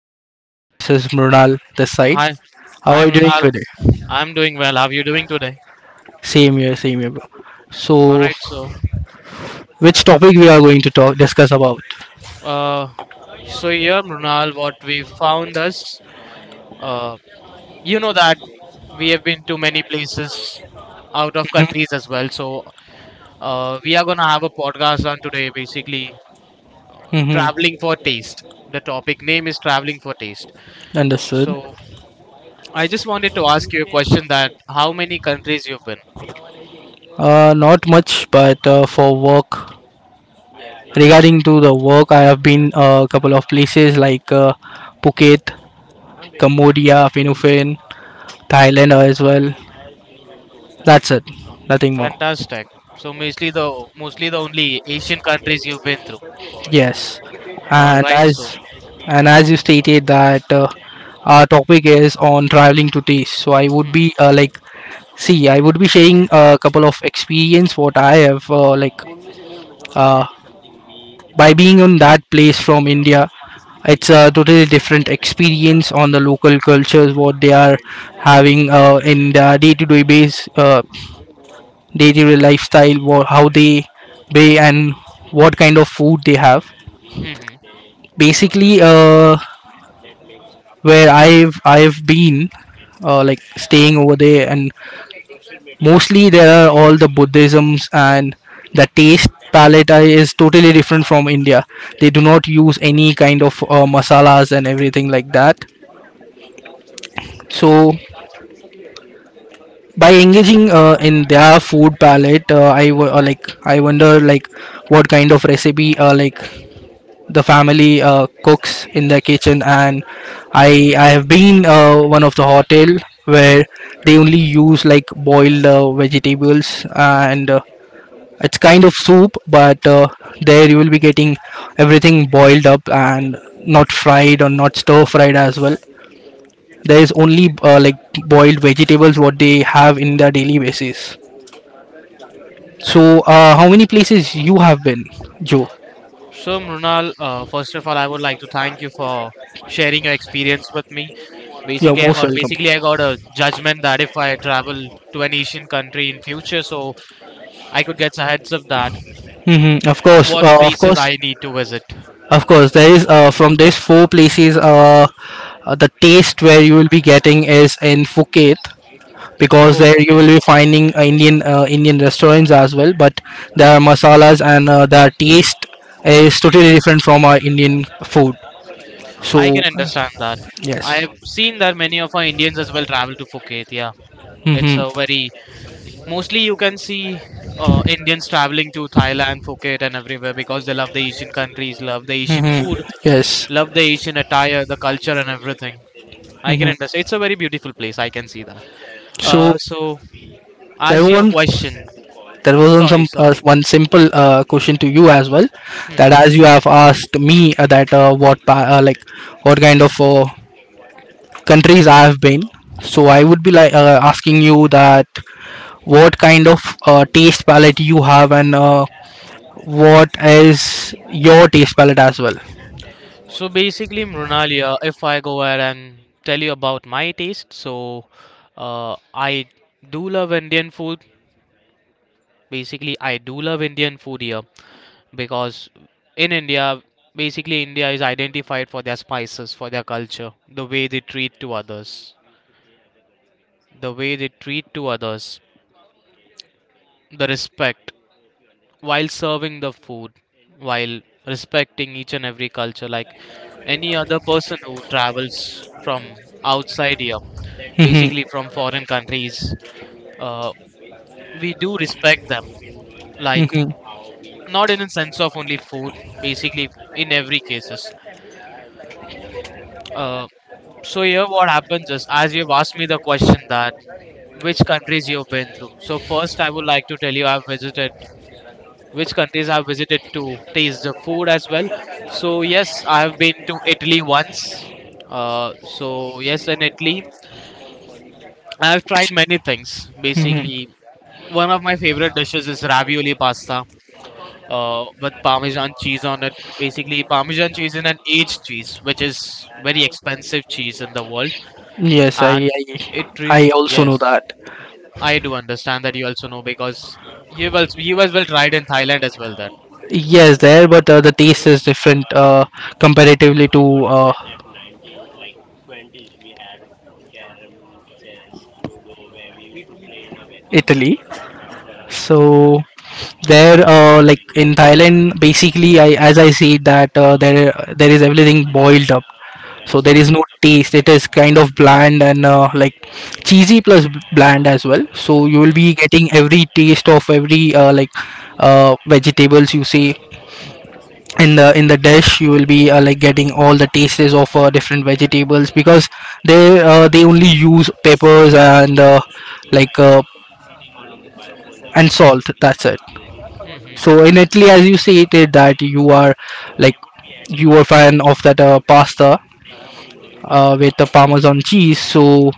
Hi Joe, this is Mrunal this side. Hi, How are you I'm doing Mrunal. today? I'm doing well. How are you doing today? Same here, bro. All So, right. Which topic we are going to talk discuss about? uh, so here, Mrunal, what we found is, uh, you know that we have been to many places out of countries as well. So, we are gonna have a podcast on today, basically Mm-hmm. traveling for taste. The topic name is traveling for taste. Understood. So, I just wanted to ask you a question: that how many countries you've been? Not much, but for work. Regarding to the work, I have been a couple of places like Phuket, Cambodia, Philippines, Thailand as well. That's it. Nothing more. Fantastic. So mostly the only Asian countries you've been through. Yes, All and right. So. As you stated that our topic is on traveling to taste, so I would be hmm see, I would be sharing a couple of experience what I have uh, by being on that place from India. It's a totally different experience on the local cultures what they are having in their day-to-day day-to-day lifestyle, what, how they and what kind of food they have hmm basically where I've been like staying over there, and mostly there are all the Buddhisms and the taste palette is totally different from India. They do not use any kind of masalas and everything like that. So by engaging in their food palette, like I wonder like what kind of recipe like the family cooks in the kitchen, and I have been one of the hotel where they only use like boiled vegetables, and it's kind of soup, but there you will be getting everything boiled up and not fried or not stir fried as well. There is only like boiled vegetables what they have in their daily basis. So how many places you have been, Joe? So Mrunal, first of all, I would like to thank you for sharing your experience with me. You're Basically, I most got welcome. basically I got a judgment that if I travel to an Asian country in future, so I could get a heads up that Hmm. Of course, what of places course. I need to visit. Of course, there is from these four places. The taste where you will be getting is in Phuket, because Oh, there you Phuket. will be finding Indian restaurants as well. But their masalas and their taste is totally different from our Indian food. I So can understand that. yes. I've seen that many of our Indians as well travel to Phuket. Yeah, it's a Mm-hmm. very mostly you can see Indians traveling to Thailand, Phuket, and everywhere because they love the Asian countries, love the Asian food, Mm-hmm. Yes. love the Asian attire, the culture, and everything. I can Mm-hmm. understand. It's a very beautiful place. I can see that. So Uh, so, there as your one question, there was sorry, sorry. one simple question to you as well, hmm that hmm. as you have asked me like what kind of countries I have been. So I would be like asking you that what kind of taste palette you have, and what is your taste palette as well. So basically, Mrunalia, if I go ahead and tell you about my taste, so I do love Indian food. Basically, I do love Indian food here, because in India, basically India is identified for their spices, for their culture, the way they treat to others, the way they treat to others, the respect while serving the food, while respecting each and every culture. Like any other person who travels from outside here, Mhm. basically from foreign countries, uh, we do respect them. Like not in a sense of only food, basically in every cases. Mhm. Uh, So here what happens is, as you've asked me the question that which countries you've been through. So first I would like to tell you I've visited which countries I've visited to taste the food as well. So yes, I've been to Italy once. So yes, in Italy I've tried many things. Basically, one of my favorite dishes is ravioli pasta with Parmesan cheese on it. Basically, Parmesan cheese is an aged cheese, which is very expensive cheese in the world. Yes, and I also know yes, that. I do understand that you also know because you as well tried in Thailand as well that. Yes, there, but the taste is different comparatively to uh, Italy. So there, like in Thailand, basically, I as I see that there is everything boiled up. So there is Mhm, no taste. It is kind of bland, and like cheesy plus bland as well. So you will mhm, be getting every taste of every like vegetables you see in the dish. You will be like getting all the tastes of different vegetables, because they only use peppers and like uh, and salt. That's it. mhm. So in Italy, as you stated that you are like you are fan of that pasta with the parmesan cheese. So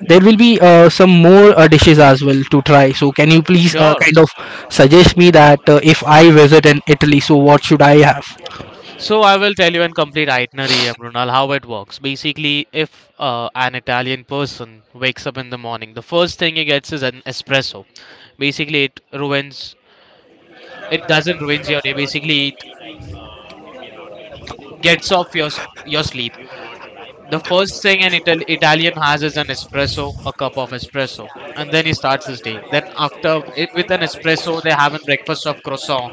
there will be some more dishes as well to try. So can you please Sure. kind of suggest me that if I visit in Italy, so what should I have? So I will tell you in complete itinerary, Runal, how it works. Basically, if an Italian person wakes up in the morning, the first thing he gets is an espresso. Basically, it ruins. It doesn't ruins your day. Basically, it gets off your sleep. The first thing an Italian has is an espresso, a cup of espresso, and then he starts his day. Then with an espresso, they have a breakfast of croissant,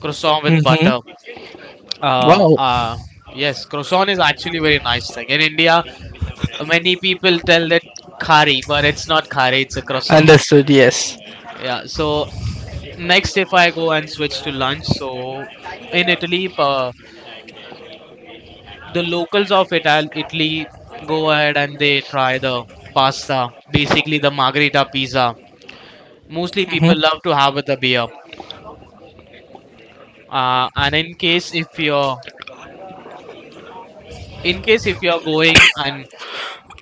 croissant with butter. Uh, Wow. uh, yes, croissant is actually a very nice thing. In India, many people tell that khari, but it's not khari; it's a croissant. Understood. Yes. Yeah. So next, if I go and switch to lunch, so in Italy, pa the locals of Italy go ahead and they try the pasta, basically the margherita pizza. Mostly people love to have with a beer. And in case if you're going and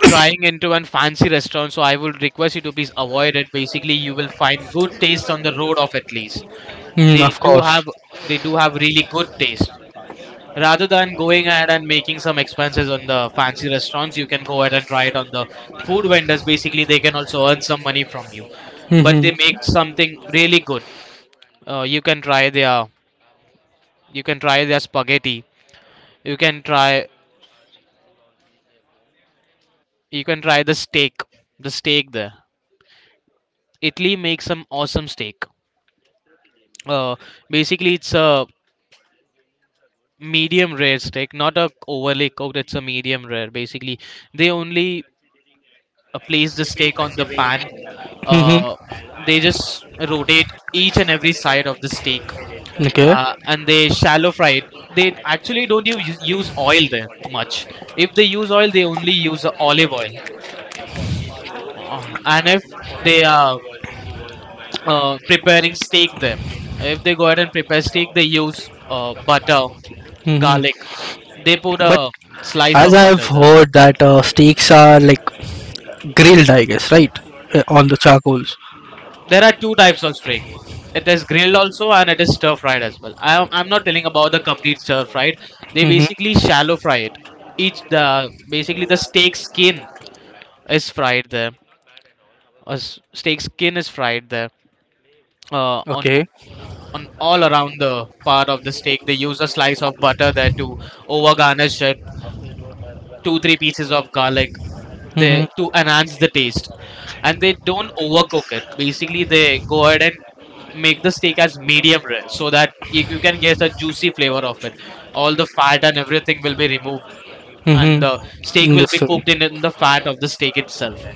trying into a fancy restaurant, so I would request you to please avoid it. Basically, you will find good taste on the road of at least. Mm, They of do course. have But they do have really good taste, rather than going ahead and making some expenses on the fancy restaurants. You can go ahead and try it on the food vendors. Basically, they can also earn some money from you, but they make Mm-hmm. something really good. You can try their spaghetti. You can try you can try the steak there. Italy makes some awesome steak. uh, Basically, it's a medium rare steak, not a overly cooked. It's a medium rare. Basically, they only place the steak on the pan. Mm-hmm. uh, they just rotate each and every side of the steak, Okay. And they shallow fry it. They actually don't use oil there much. If they use oil, they only use olive oil. And if they are preparing steak there, if they go ahead and prepare steak, they use butter, Mm-hmm. garlic. They put But a slice as of I've butter there. heard that steaks are like grilled, I guess, right? On the charcoals. There are two types of steak. Mm-hmm. It is grilled also, and it is stir fried as well. I'm not telling about the complete stir fried. They basically shallow fry it. Each the Basically, the steak skin is fried there. A steak skin is fried there. Uh, on Okay. on all around the part of the steak, they use a slice of butter there to over garnish it. Two three pieces of garlic there to Mm-hmm. enhance the taste, and they don't overcook it. Basically, they go ahead and make the steak as medium rare so that you can get the juicy flavor of it. All the fat and everything will be removed, and Mm-hmm. the steak will be Understood. Mm-hmm. cooked in the fat of the steak itself,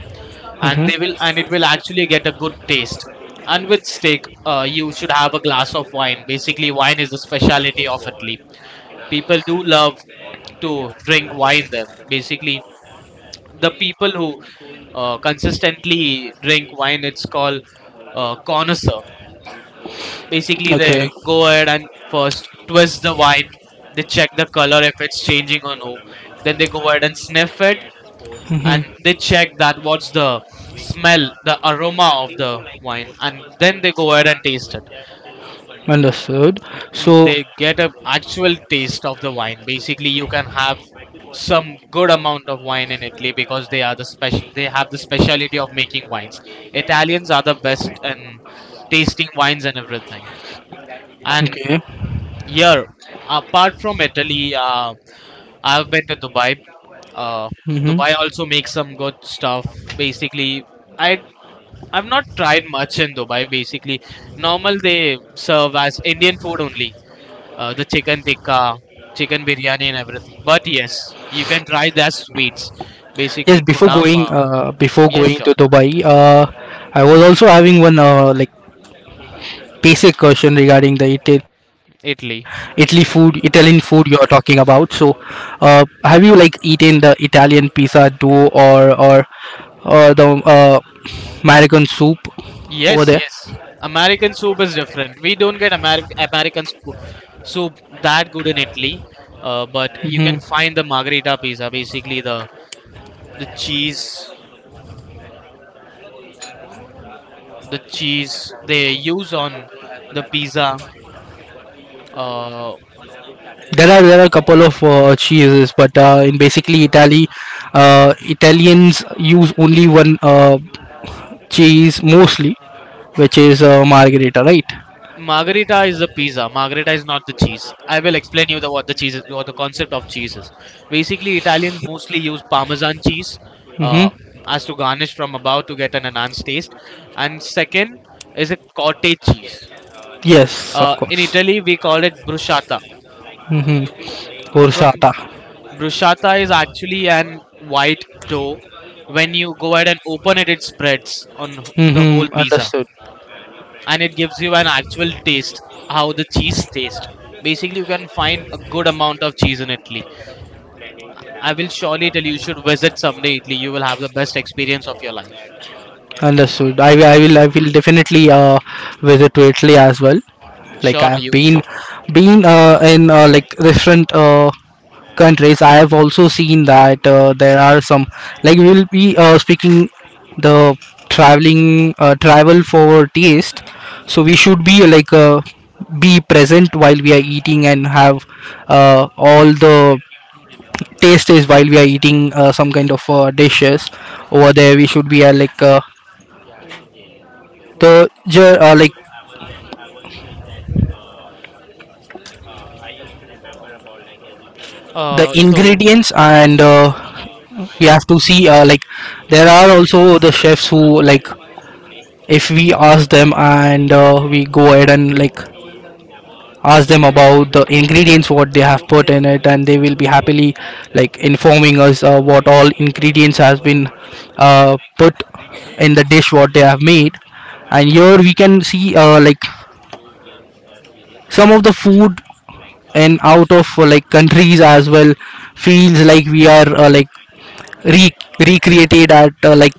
and it will actually get a good taste. And with steak, you should have a glass of wine. Basically, wine is the speciality of Italy. People do love to drink wine there. Basically, the people who consistently drink wine, it's called connoisseur. Basically, they go ahead and first twist the wine. They check the color if it's changing or no. Then they go ahead and sniff it, and Mm-hmm. they check that what's the smell, the aroma of the wine, and then they go ahead and taste it. Understood. So They get a actual taste of the wine. Basically, you can have some good amount of wine in Italy, because they have the speciality of making wines. Italians are the best in tasting wines and everything. And yeah, apart from Italy, I've been to Dubai. Uh, Mm-hmm. Dubai also makes some good stuff. Basically, I I've not tried much in Dubai. Basically, normal they serve as Indian food only. The chicken tikka, chicken biryani, and everything. But yes, you can try their sweets. Yes, Basically, chicken before stuff. kunafa. Going before Yes, going to sure, Dubai, I was also having one like basic question regarding the Italy food, Italy. Italian food you are talking about. So, have you like eaten the Italian pizza dough, or the American soup over Yes, there? yes. American soup is different. We don't get American soup that good in Italy, but you can Hmm. find the margherita pizza, basically the cheese, the cheese, they use on the pizza. Uh, Are there are a couple of cheeses, but in basically Italy, Italians use only one cheese mostly, which is margherita, right? Margherita is the pizza. Margherita is not the cheese. I will explain you the what the cheese is, what the concept of cheese is. Basically, Italians mostly use Parmesan cheese uh, Mm-hmm. as to garnish from above to get an enhanced taste. And second is a cottage cheese. Yes, of In course. Italy, we call it bruschetta. Mm-hmm. From Bursata. Bruschetta is actually an white dough. When you go ahead and open it, it spreads on the whole Mm-hmm. pizza, Understood. and it gives you an actual taste how the cheese tastes. Basically, you can find a good amount of cheese in Italy. I will surely tell you, you should visit someday Italy. You will have the best experience of your life. Understood. I will definitely visit to Italy as well. Like I Surely have you been should. been uh, in like different countries. I have also seen that there are some like we will be speaking the traveling travel for taste. So we should be like be present while we are eating and have all the taste is while we are eating some kind of dishes over there. We should be like the Uh, so, ingredients, and we have to see like there are also the chefs who like if we ask them, and we go ahead and like ask them about the ingredients what they have put in it, and they will be happily like informing us what all ingredients has been put in the dish what they have made. And here we can see like some of the food and out of like countries as well feels like we are re- recreated at like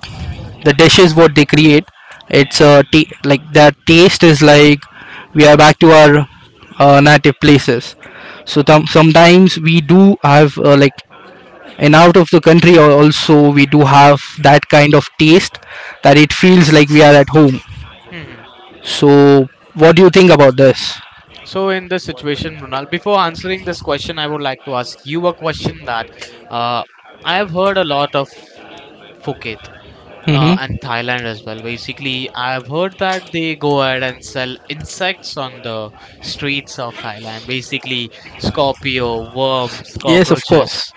the dishes what they create. It's like that taste is like we are back to our native places. So sometimes we do have like and out of the country also we do have that kind of taste, that it feels like we are at home. hmm. hmm. So what do you think about this? So in this situation, Brunal, before answering this question, I would like to ask you a question that uh, I have heard a lot of Phuket, Hmm. and Thailand as well. Basically, I've heard that they go ahead and sell insects on the streets of Thailand. Basically, scorpio, worms, Yes, of course. cockroaches,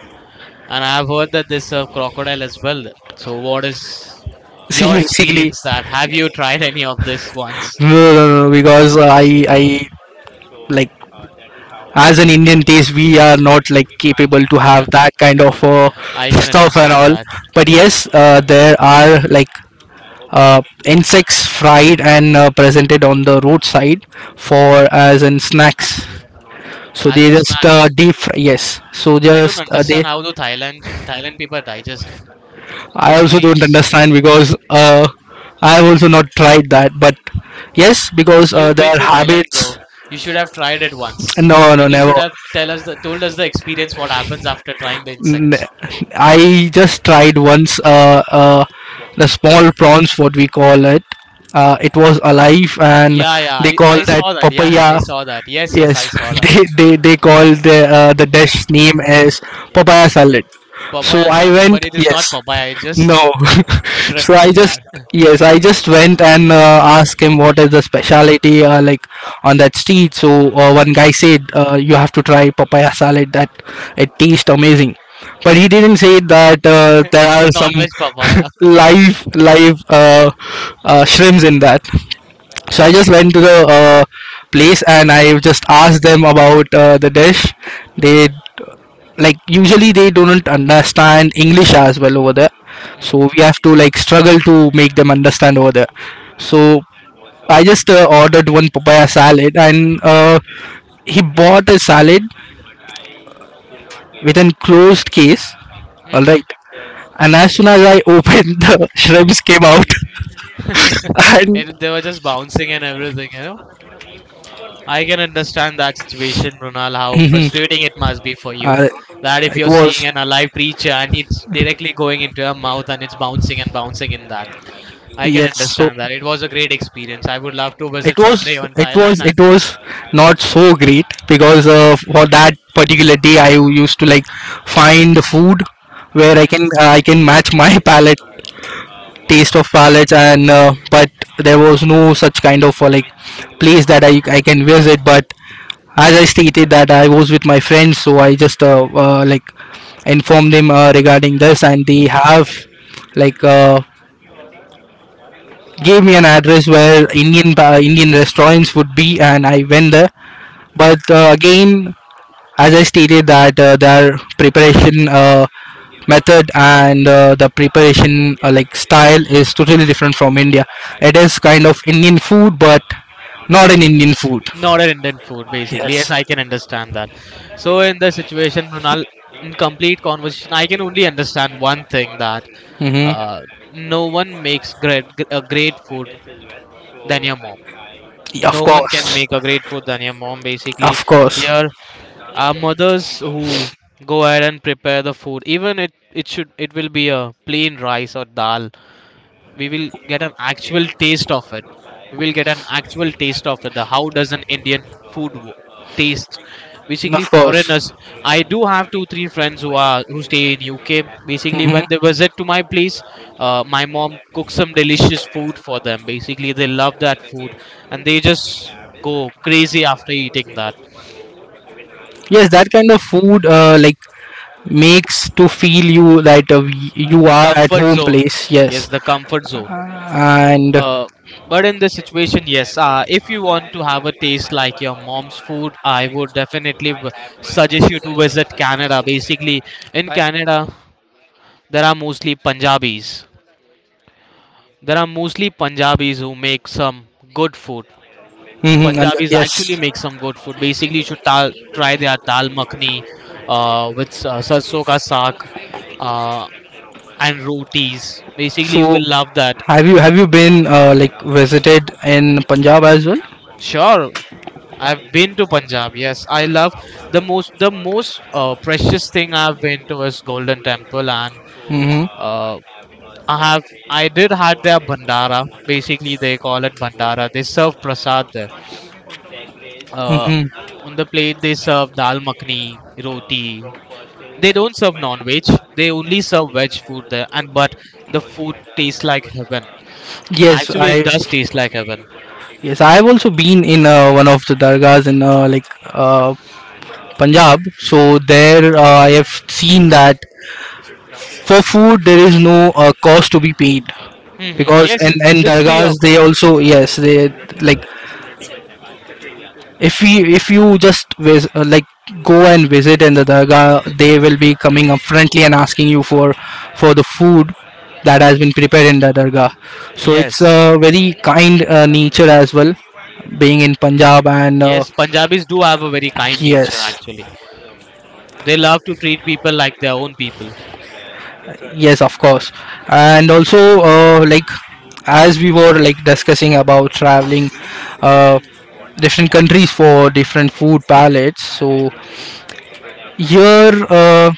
and I've heard that they serve crocodile as well. So, what is See, your basically experience? That have you tried any of these ones? no, because I like as an Indian taste, we are not like capable to have that kind of I can stuff and understand all. that. But yes, there are like insects fried and presented on the roadside for as in snacks. So As they in just snacks, deep fry. Yes. So I don't just they. understand how do Thailand people digest it. I also Basically, don't it's understand because I have also not tried that. But yes, because You've been their to Thailand, habits. bro. You should have tried it once, No, no, and you never. should have told us the experience what happens after trying the N- insects. I just tried once the small prawns, what we call it. It was alive, and Yeah, yeah, they I, call I that saw that. Yeah, yeah, I papaya. saw that. Yes, yes, I Yes, saw that. They call the dish name as papaya salad. So Papaya I salad, went. but it is not Yes, papaya. It's just no. So shrimps I in just there. yes, I just went and asked him what is the specialty like on that street. So one guy said you have to try papaya salad, that it tastes amazing. But he didn't say that there It's are a some non-veg papaya. live shrimps in that. So I just went to the place and I just asked them about the dish. They like usually they don't understand English as well over there, so Hmm. we have to like struggle to make them understand over there. So I just ordered one papaya salad, and he bought a salad with an closed case, all Hmm. right. And as soon as I opened the shrimps came out. And They were just bouncing and everything. I can understand that situation, Runal, how Mhm. frustrating it must be for you. Uh, That if it you're you was. seeing See an alive creature and it's directly going into your mouth and it's bouncing and bouncing in that. air. I can Yes. Sick. So understand that. It was a great experience. I would visit. Was. love to Again. visit someday on It was. Thailand and It was not so great, because for that particular day, I used to like find food where I Mhm. can I can match my palate taste of palates, and but there was no such kind of like place that I can visit, but as I stated that I was with my friends, so I just like informed them regarding this, and they have like gave me an address where Indian restaurants would be, and I went there. But again, as I stated that their preparation method and the preparation like style is totally different from India. It is kind of Indian food, but not an Indian food. Not an Indian food, basically. Yes, Yes. I can understand that. So, in the situation, Runal, in complete conversation, I can only understand one thing: that Mm-hmm. uh, no one makes a great food than your mom. Of No one can course. make a great food than your mom, basically. Of course. Here are mothers who go ahead and prepare the food. Even it should it will be a plain rice or dal. We will get an actual taste of it. We will get an actual taste of it The how does an Indian food taste. Basically foreigners, I do have two three friends who stay in UK. Basically when they visit to my place, my mom cooks some delicious food for them. Basically they love that food, and they just go crazy after eating that. Yes, that kind of food like makes to feel you that you The are at comfort home zone. place. Yes, Yes, the comfort zone. and. Uh, but in this situation, yes, if you want to have a taste like your mom's food, I would definitely suggest you to visit Canada. Basically, in Canada, there are mostly Punjabis. There are mostly Punjabis who make some good food. Mm-hmm. And, Punjabis actually yes. make some good food. Basically, you should try their dal makhni, with sarson ka saag, uh, and rotis. Basically, you So will love that. Have you been like visited in Punjab as well? Sure, I've been to Punjab. Yes, I love the most precious thing I've been to is Golden Temple, and uh, I have I did had their bandara. Basically, they call it bandara. They serve prasad there. Uh, Mm-hmm. on the plate, they serve dal makhni, roti. They don't serve non-veg. They only serve veg food there, and but the food tastes like heaven. Yes, Actually, it I does taste like heaven. Yes, I have also been in one of the dargahs in Punjab. So there, I have seen that for food there is no cost to be paid, Hmm. because Yes, and it's dargahs pre-Yakov. they also yes they like if we if you just vis- like go and visit in the dargah, they will be coming up friendly and asking you for the food that has been prepared in the dargah. So it's Yes. a very kind nature as well, being in Punjab, and Yes, Punjabis do have a very kind nature yes. actually. They love to treat people like their own people. Yes, of course. And also, like as we were like discussing about traveling uh, different countries for different food palettes, so here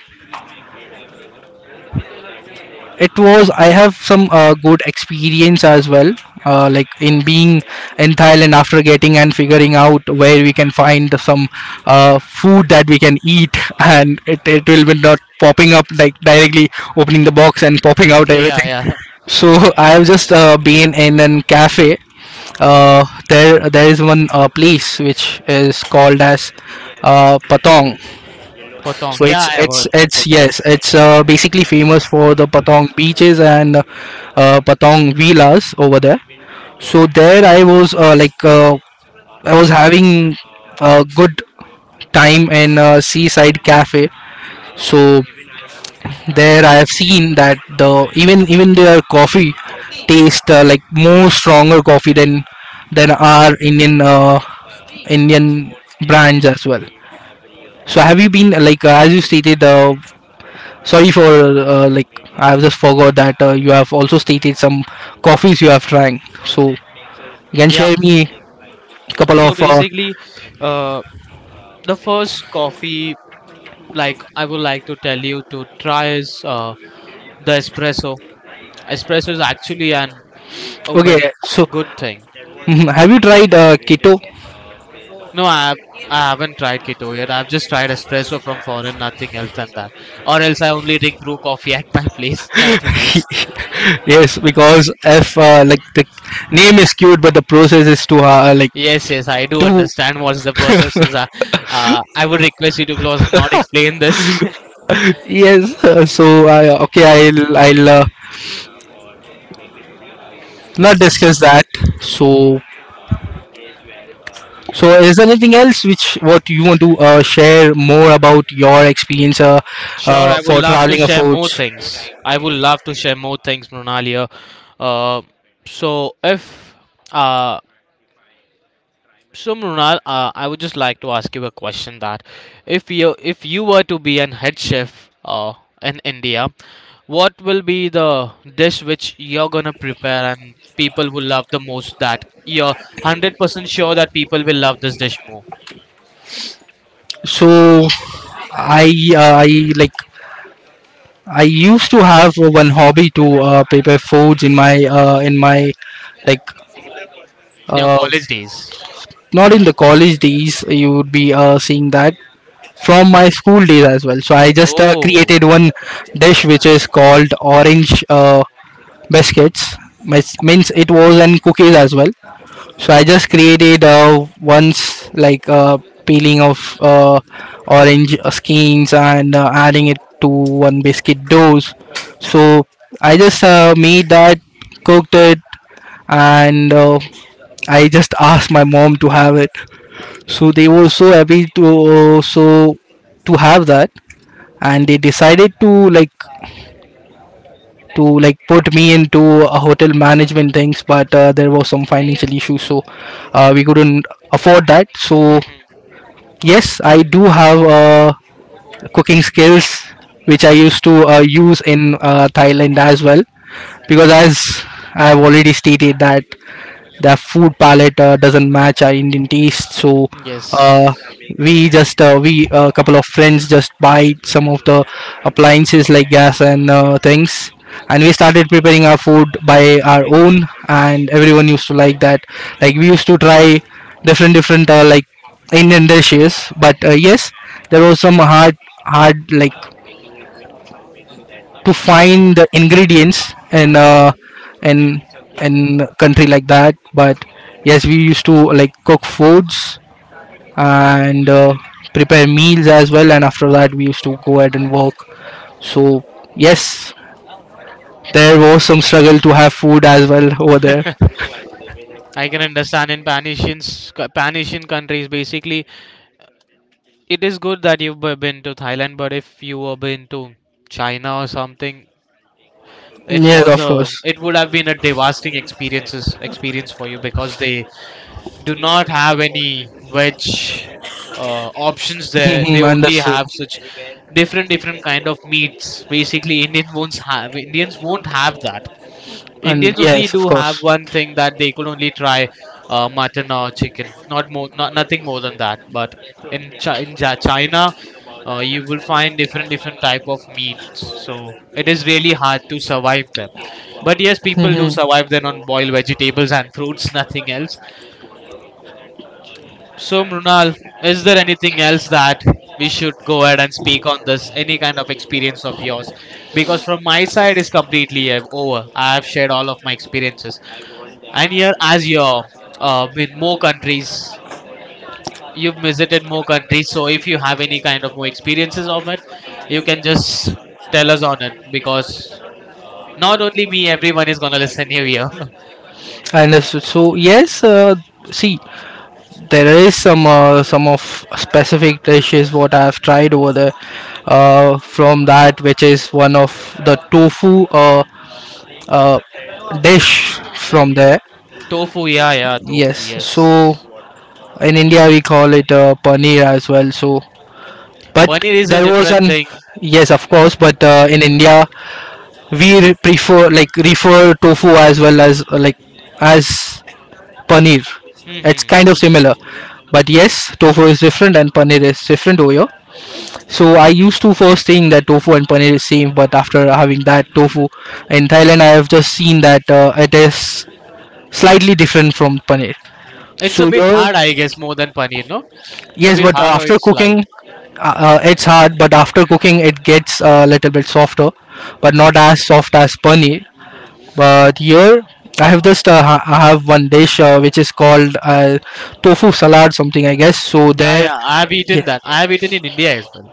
it was. I have some good experience as well, like in being in Thailand after getting and figuring out where we can find some food that we can eat, and it will be not popping up like directly opening the box and popping out Yeah, everything. yeah. So I have just been in an cafe. There is one place which is called as Patong. Potong. So Yeah, it's I have heard it's that. it's Potong. yes, it's basically famous for the Patong beaches and Patong villas over there. So there I was I was having a good time in a seaside cafe. So there I have seen that the even their coffee taste like more stronger coffee than our Indian indian brands as well. So have you been as you stated, sorry for uh, like I have just forgot that you have also stated some coffees you have trying, so you can Yeah. share me a couple of So basically, uh, the first coffee like I would like to tell you to try is the espresso. Espresso is actually an a okay, very so good thing. mhm, have you tried keto? No, I haven't tried keto yet. I've just tried espresso from foreign, nothing else than that. Or else I only drink brew coffee at my place, nothing else. Yes, because if like the name is cute but the process is too hard, like Yes, yes, I do two. understand what is the process is. I would request you to please not explain this. Yes. So I okay I'll not So, discuss that. So so is there anything else which what you want to share more about your experience, sure, I would for love to traveling share more affords. things. I would love to share more things, Monalia. Uh, so if uh, So, Mrunal, I would just like to ask you a question that if you were to be an head chef, in India, what will be the dish which you're gonna prepare and people will love the most, that you're 100% sure that people will love this dish more So i uh, i like I used to have one hobby to prepare foods in my uh, in my like in your uh, college days? not in the college days, you would be seeing that from my school days as well. So I just Oh, created one dish which is called orange biscuits. Means it was in cookies as well. So I just created once, like, peeling of orange skins and adding it to one biscuit dough. So I just made that, cooked it, and I just asked my mom to have it. So they were so happy to uh, so to have that, and they decided to like put me into a hotel management things, but there was some financial issues, so we couldn't afford that. So hmm, yes, I do have cooking skills which I used to use in Thailand as well, because as I've already stated that the food palette doesn't match our Indian taste. So uh, yes. we just we a couple of friends just buy some of the appliances like gas and things, and we started preparing our food by our own. And everyone used to like that. Like we used to try different different like Indian dishes, but yes, there was some hard like to find the ingredients in in in country like that, but yes, we used to like cook foods and prepare meals as well, and after that we used to go ahead and work. So yes, there was some struggle to have food as well over there. I can understand. In Pan Asian, Pan Asian countries, basically, it is good that you've been to Thailand, but if you were been to China or something, Yes, of course. it would have been a devastating experience for you, because they do not have any veg options there. They Mhm, only understood. have such different different kind of meats. Basically Indians won't have that. And Indians only yes, of do have course. one thing that they could only try, mutton or chicken, not, nothing more than that. But in, Chi in Ja- China, you will find different different type of meats, so it is really hard to survive there. But yes, people do survive then on Mhm. boiled vegetables and fruits, nothing else. So, Mrunal, is there anything else that we should go ahead and speak on this? Any kind of experience of yours? Because from my side, it's completely over. I have shared all of my experiences. And here, as you're in more countries, you've visited more countries. So, if you have any kind of more experiences of it, you can just tell us on it, because not only me, everyone is gonna listen you here. I understood. So yes, see, there is some of specific dishes what I have tried over there. From that, which is one of the tofu uh, dish from there. Tofu, yeah, yeah, tofu, Yes. yes. So in India we call it paneer as well. So, but Paneer is a there was different an thing. yes, of course. But in India we re- prefer like refer tofu as well as as paneer. It's Hmm. kind of similar. But yes, tofu is different and paneer is different over here. So I used to first think that tofu and paneer is same, but after having that tofu in Thailand, I have just seen that it is slightly different from paneer. It's a So bit your hard, I guess, more than paneer, no? It's a yes, bit but hard or after it's light. cooking, it's hard. But after cooking, it gets a little bit softer, but not as soft as paneer. But here, I have just I have one dish which is called tofu salad, something, I guess. So Yeah, there, yeah, I've yeah, eaten that. I have eaten in India as well.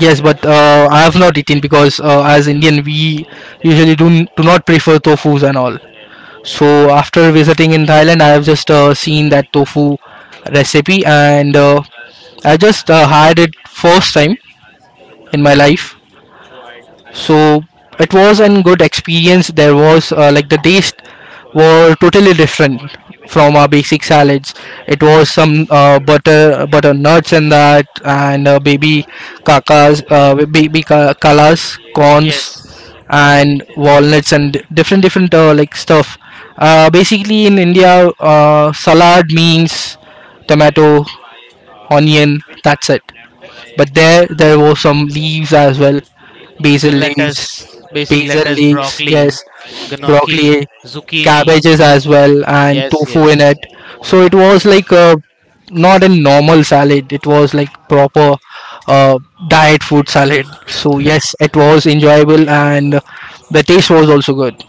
yes, but I have not eaten because as Indian we usually do not prefer tofus and all. So after visiting in Thailand, I have just seen that tofu recipe and I just had it first time in my life. So it was a good experience. There was like the taste were totally different from our basic salads. It was some butter nuts and that, and baby kakas, baby kalas corns Yes. and walnuts and different different like stuff. Basically in India, salad means tomato, onion, that's it. But there were some leaves as well, basil The leaves, lettuce, basic basil lettuce, leaves. broccoli, Yes, gnocchi, broccoli, zucchini. cabbages as well, and Yes, tofu in it. yes. So it was like a not a normal salad. It was like proper uh, diet food salad. So yes, it was enjoyable, and the taste was also good.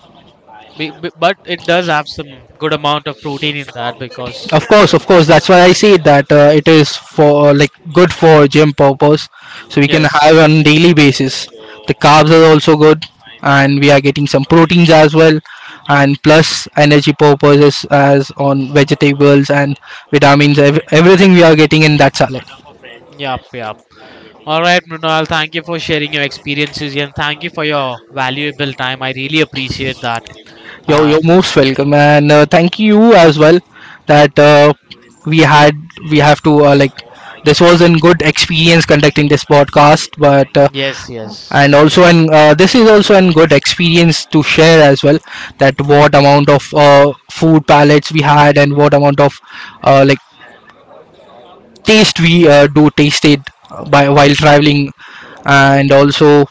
But it does have some good amount of protein in that, because, Of course, of course. That's why I say that it is for like good for gym purpose. So we can have yes. on daily basis. The carbs are also good, and we are getting some proteins as well, and plus energy purposes as on vegetables and vitamins. Everything we are getting in that salad. Yep, yep. All right, Mrinal, thank you for sharing your experiences and thank you for your valuable time. I really appreciate that. You're, And you're most welcome, and thank you as well that we had we have to this was a good experience conducting this podcast, but yes, and yes, also and this is also an good experience to share as well, that what amount of food palettes we had, and what amount of uh, like taste we do tasted by while traveling, and also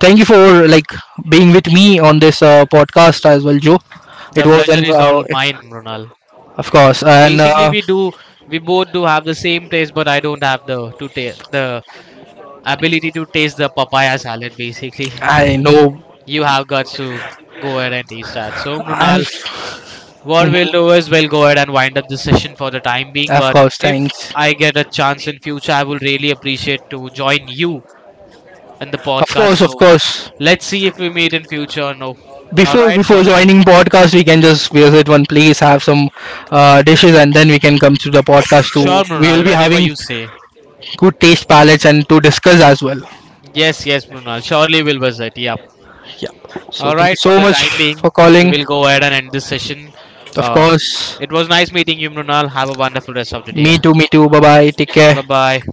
thank you for like being with me on this podcast as well, joe. It the was an pleasure is all mine, Mrinal. of course, and Basically, we both do have the same taste, but I don't have the ability to taste the papaya salad. Basically, I know, you have got to go ahead and taste that. So, Mrinal, I've what we'll mhm, do is we'll go ahead and wind up this session for the time being. of course, But if thanks, I get a chance in future, I will really appreciate to join you in the of podcast. course, of So course. let's see if we meet in future or no. All before right, before for the time. joining podcast, we can just visit one place, have some dishes, and then we can come to the podcast to Sure, we will Mrunal, be whenever having you say. good taste palettes and to discuss as well. Yes, yes, Mrunal. Surely we'll visit. Yeah. Yeah, so All thank right, you for so the much time for being, we calling, will go ahead and end this session. of Uh, course. it was nice meeting you, Mrunal. Have a wonderful rest of the day. Me Ahead. too, me too, bye bye, take care. Bye bye.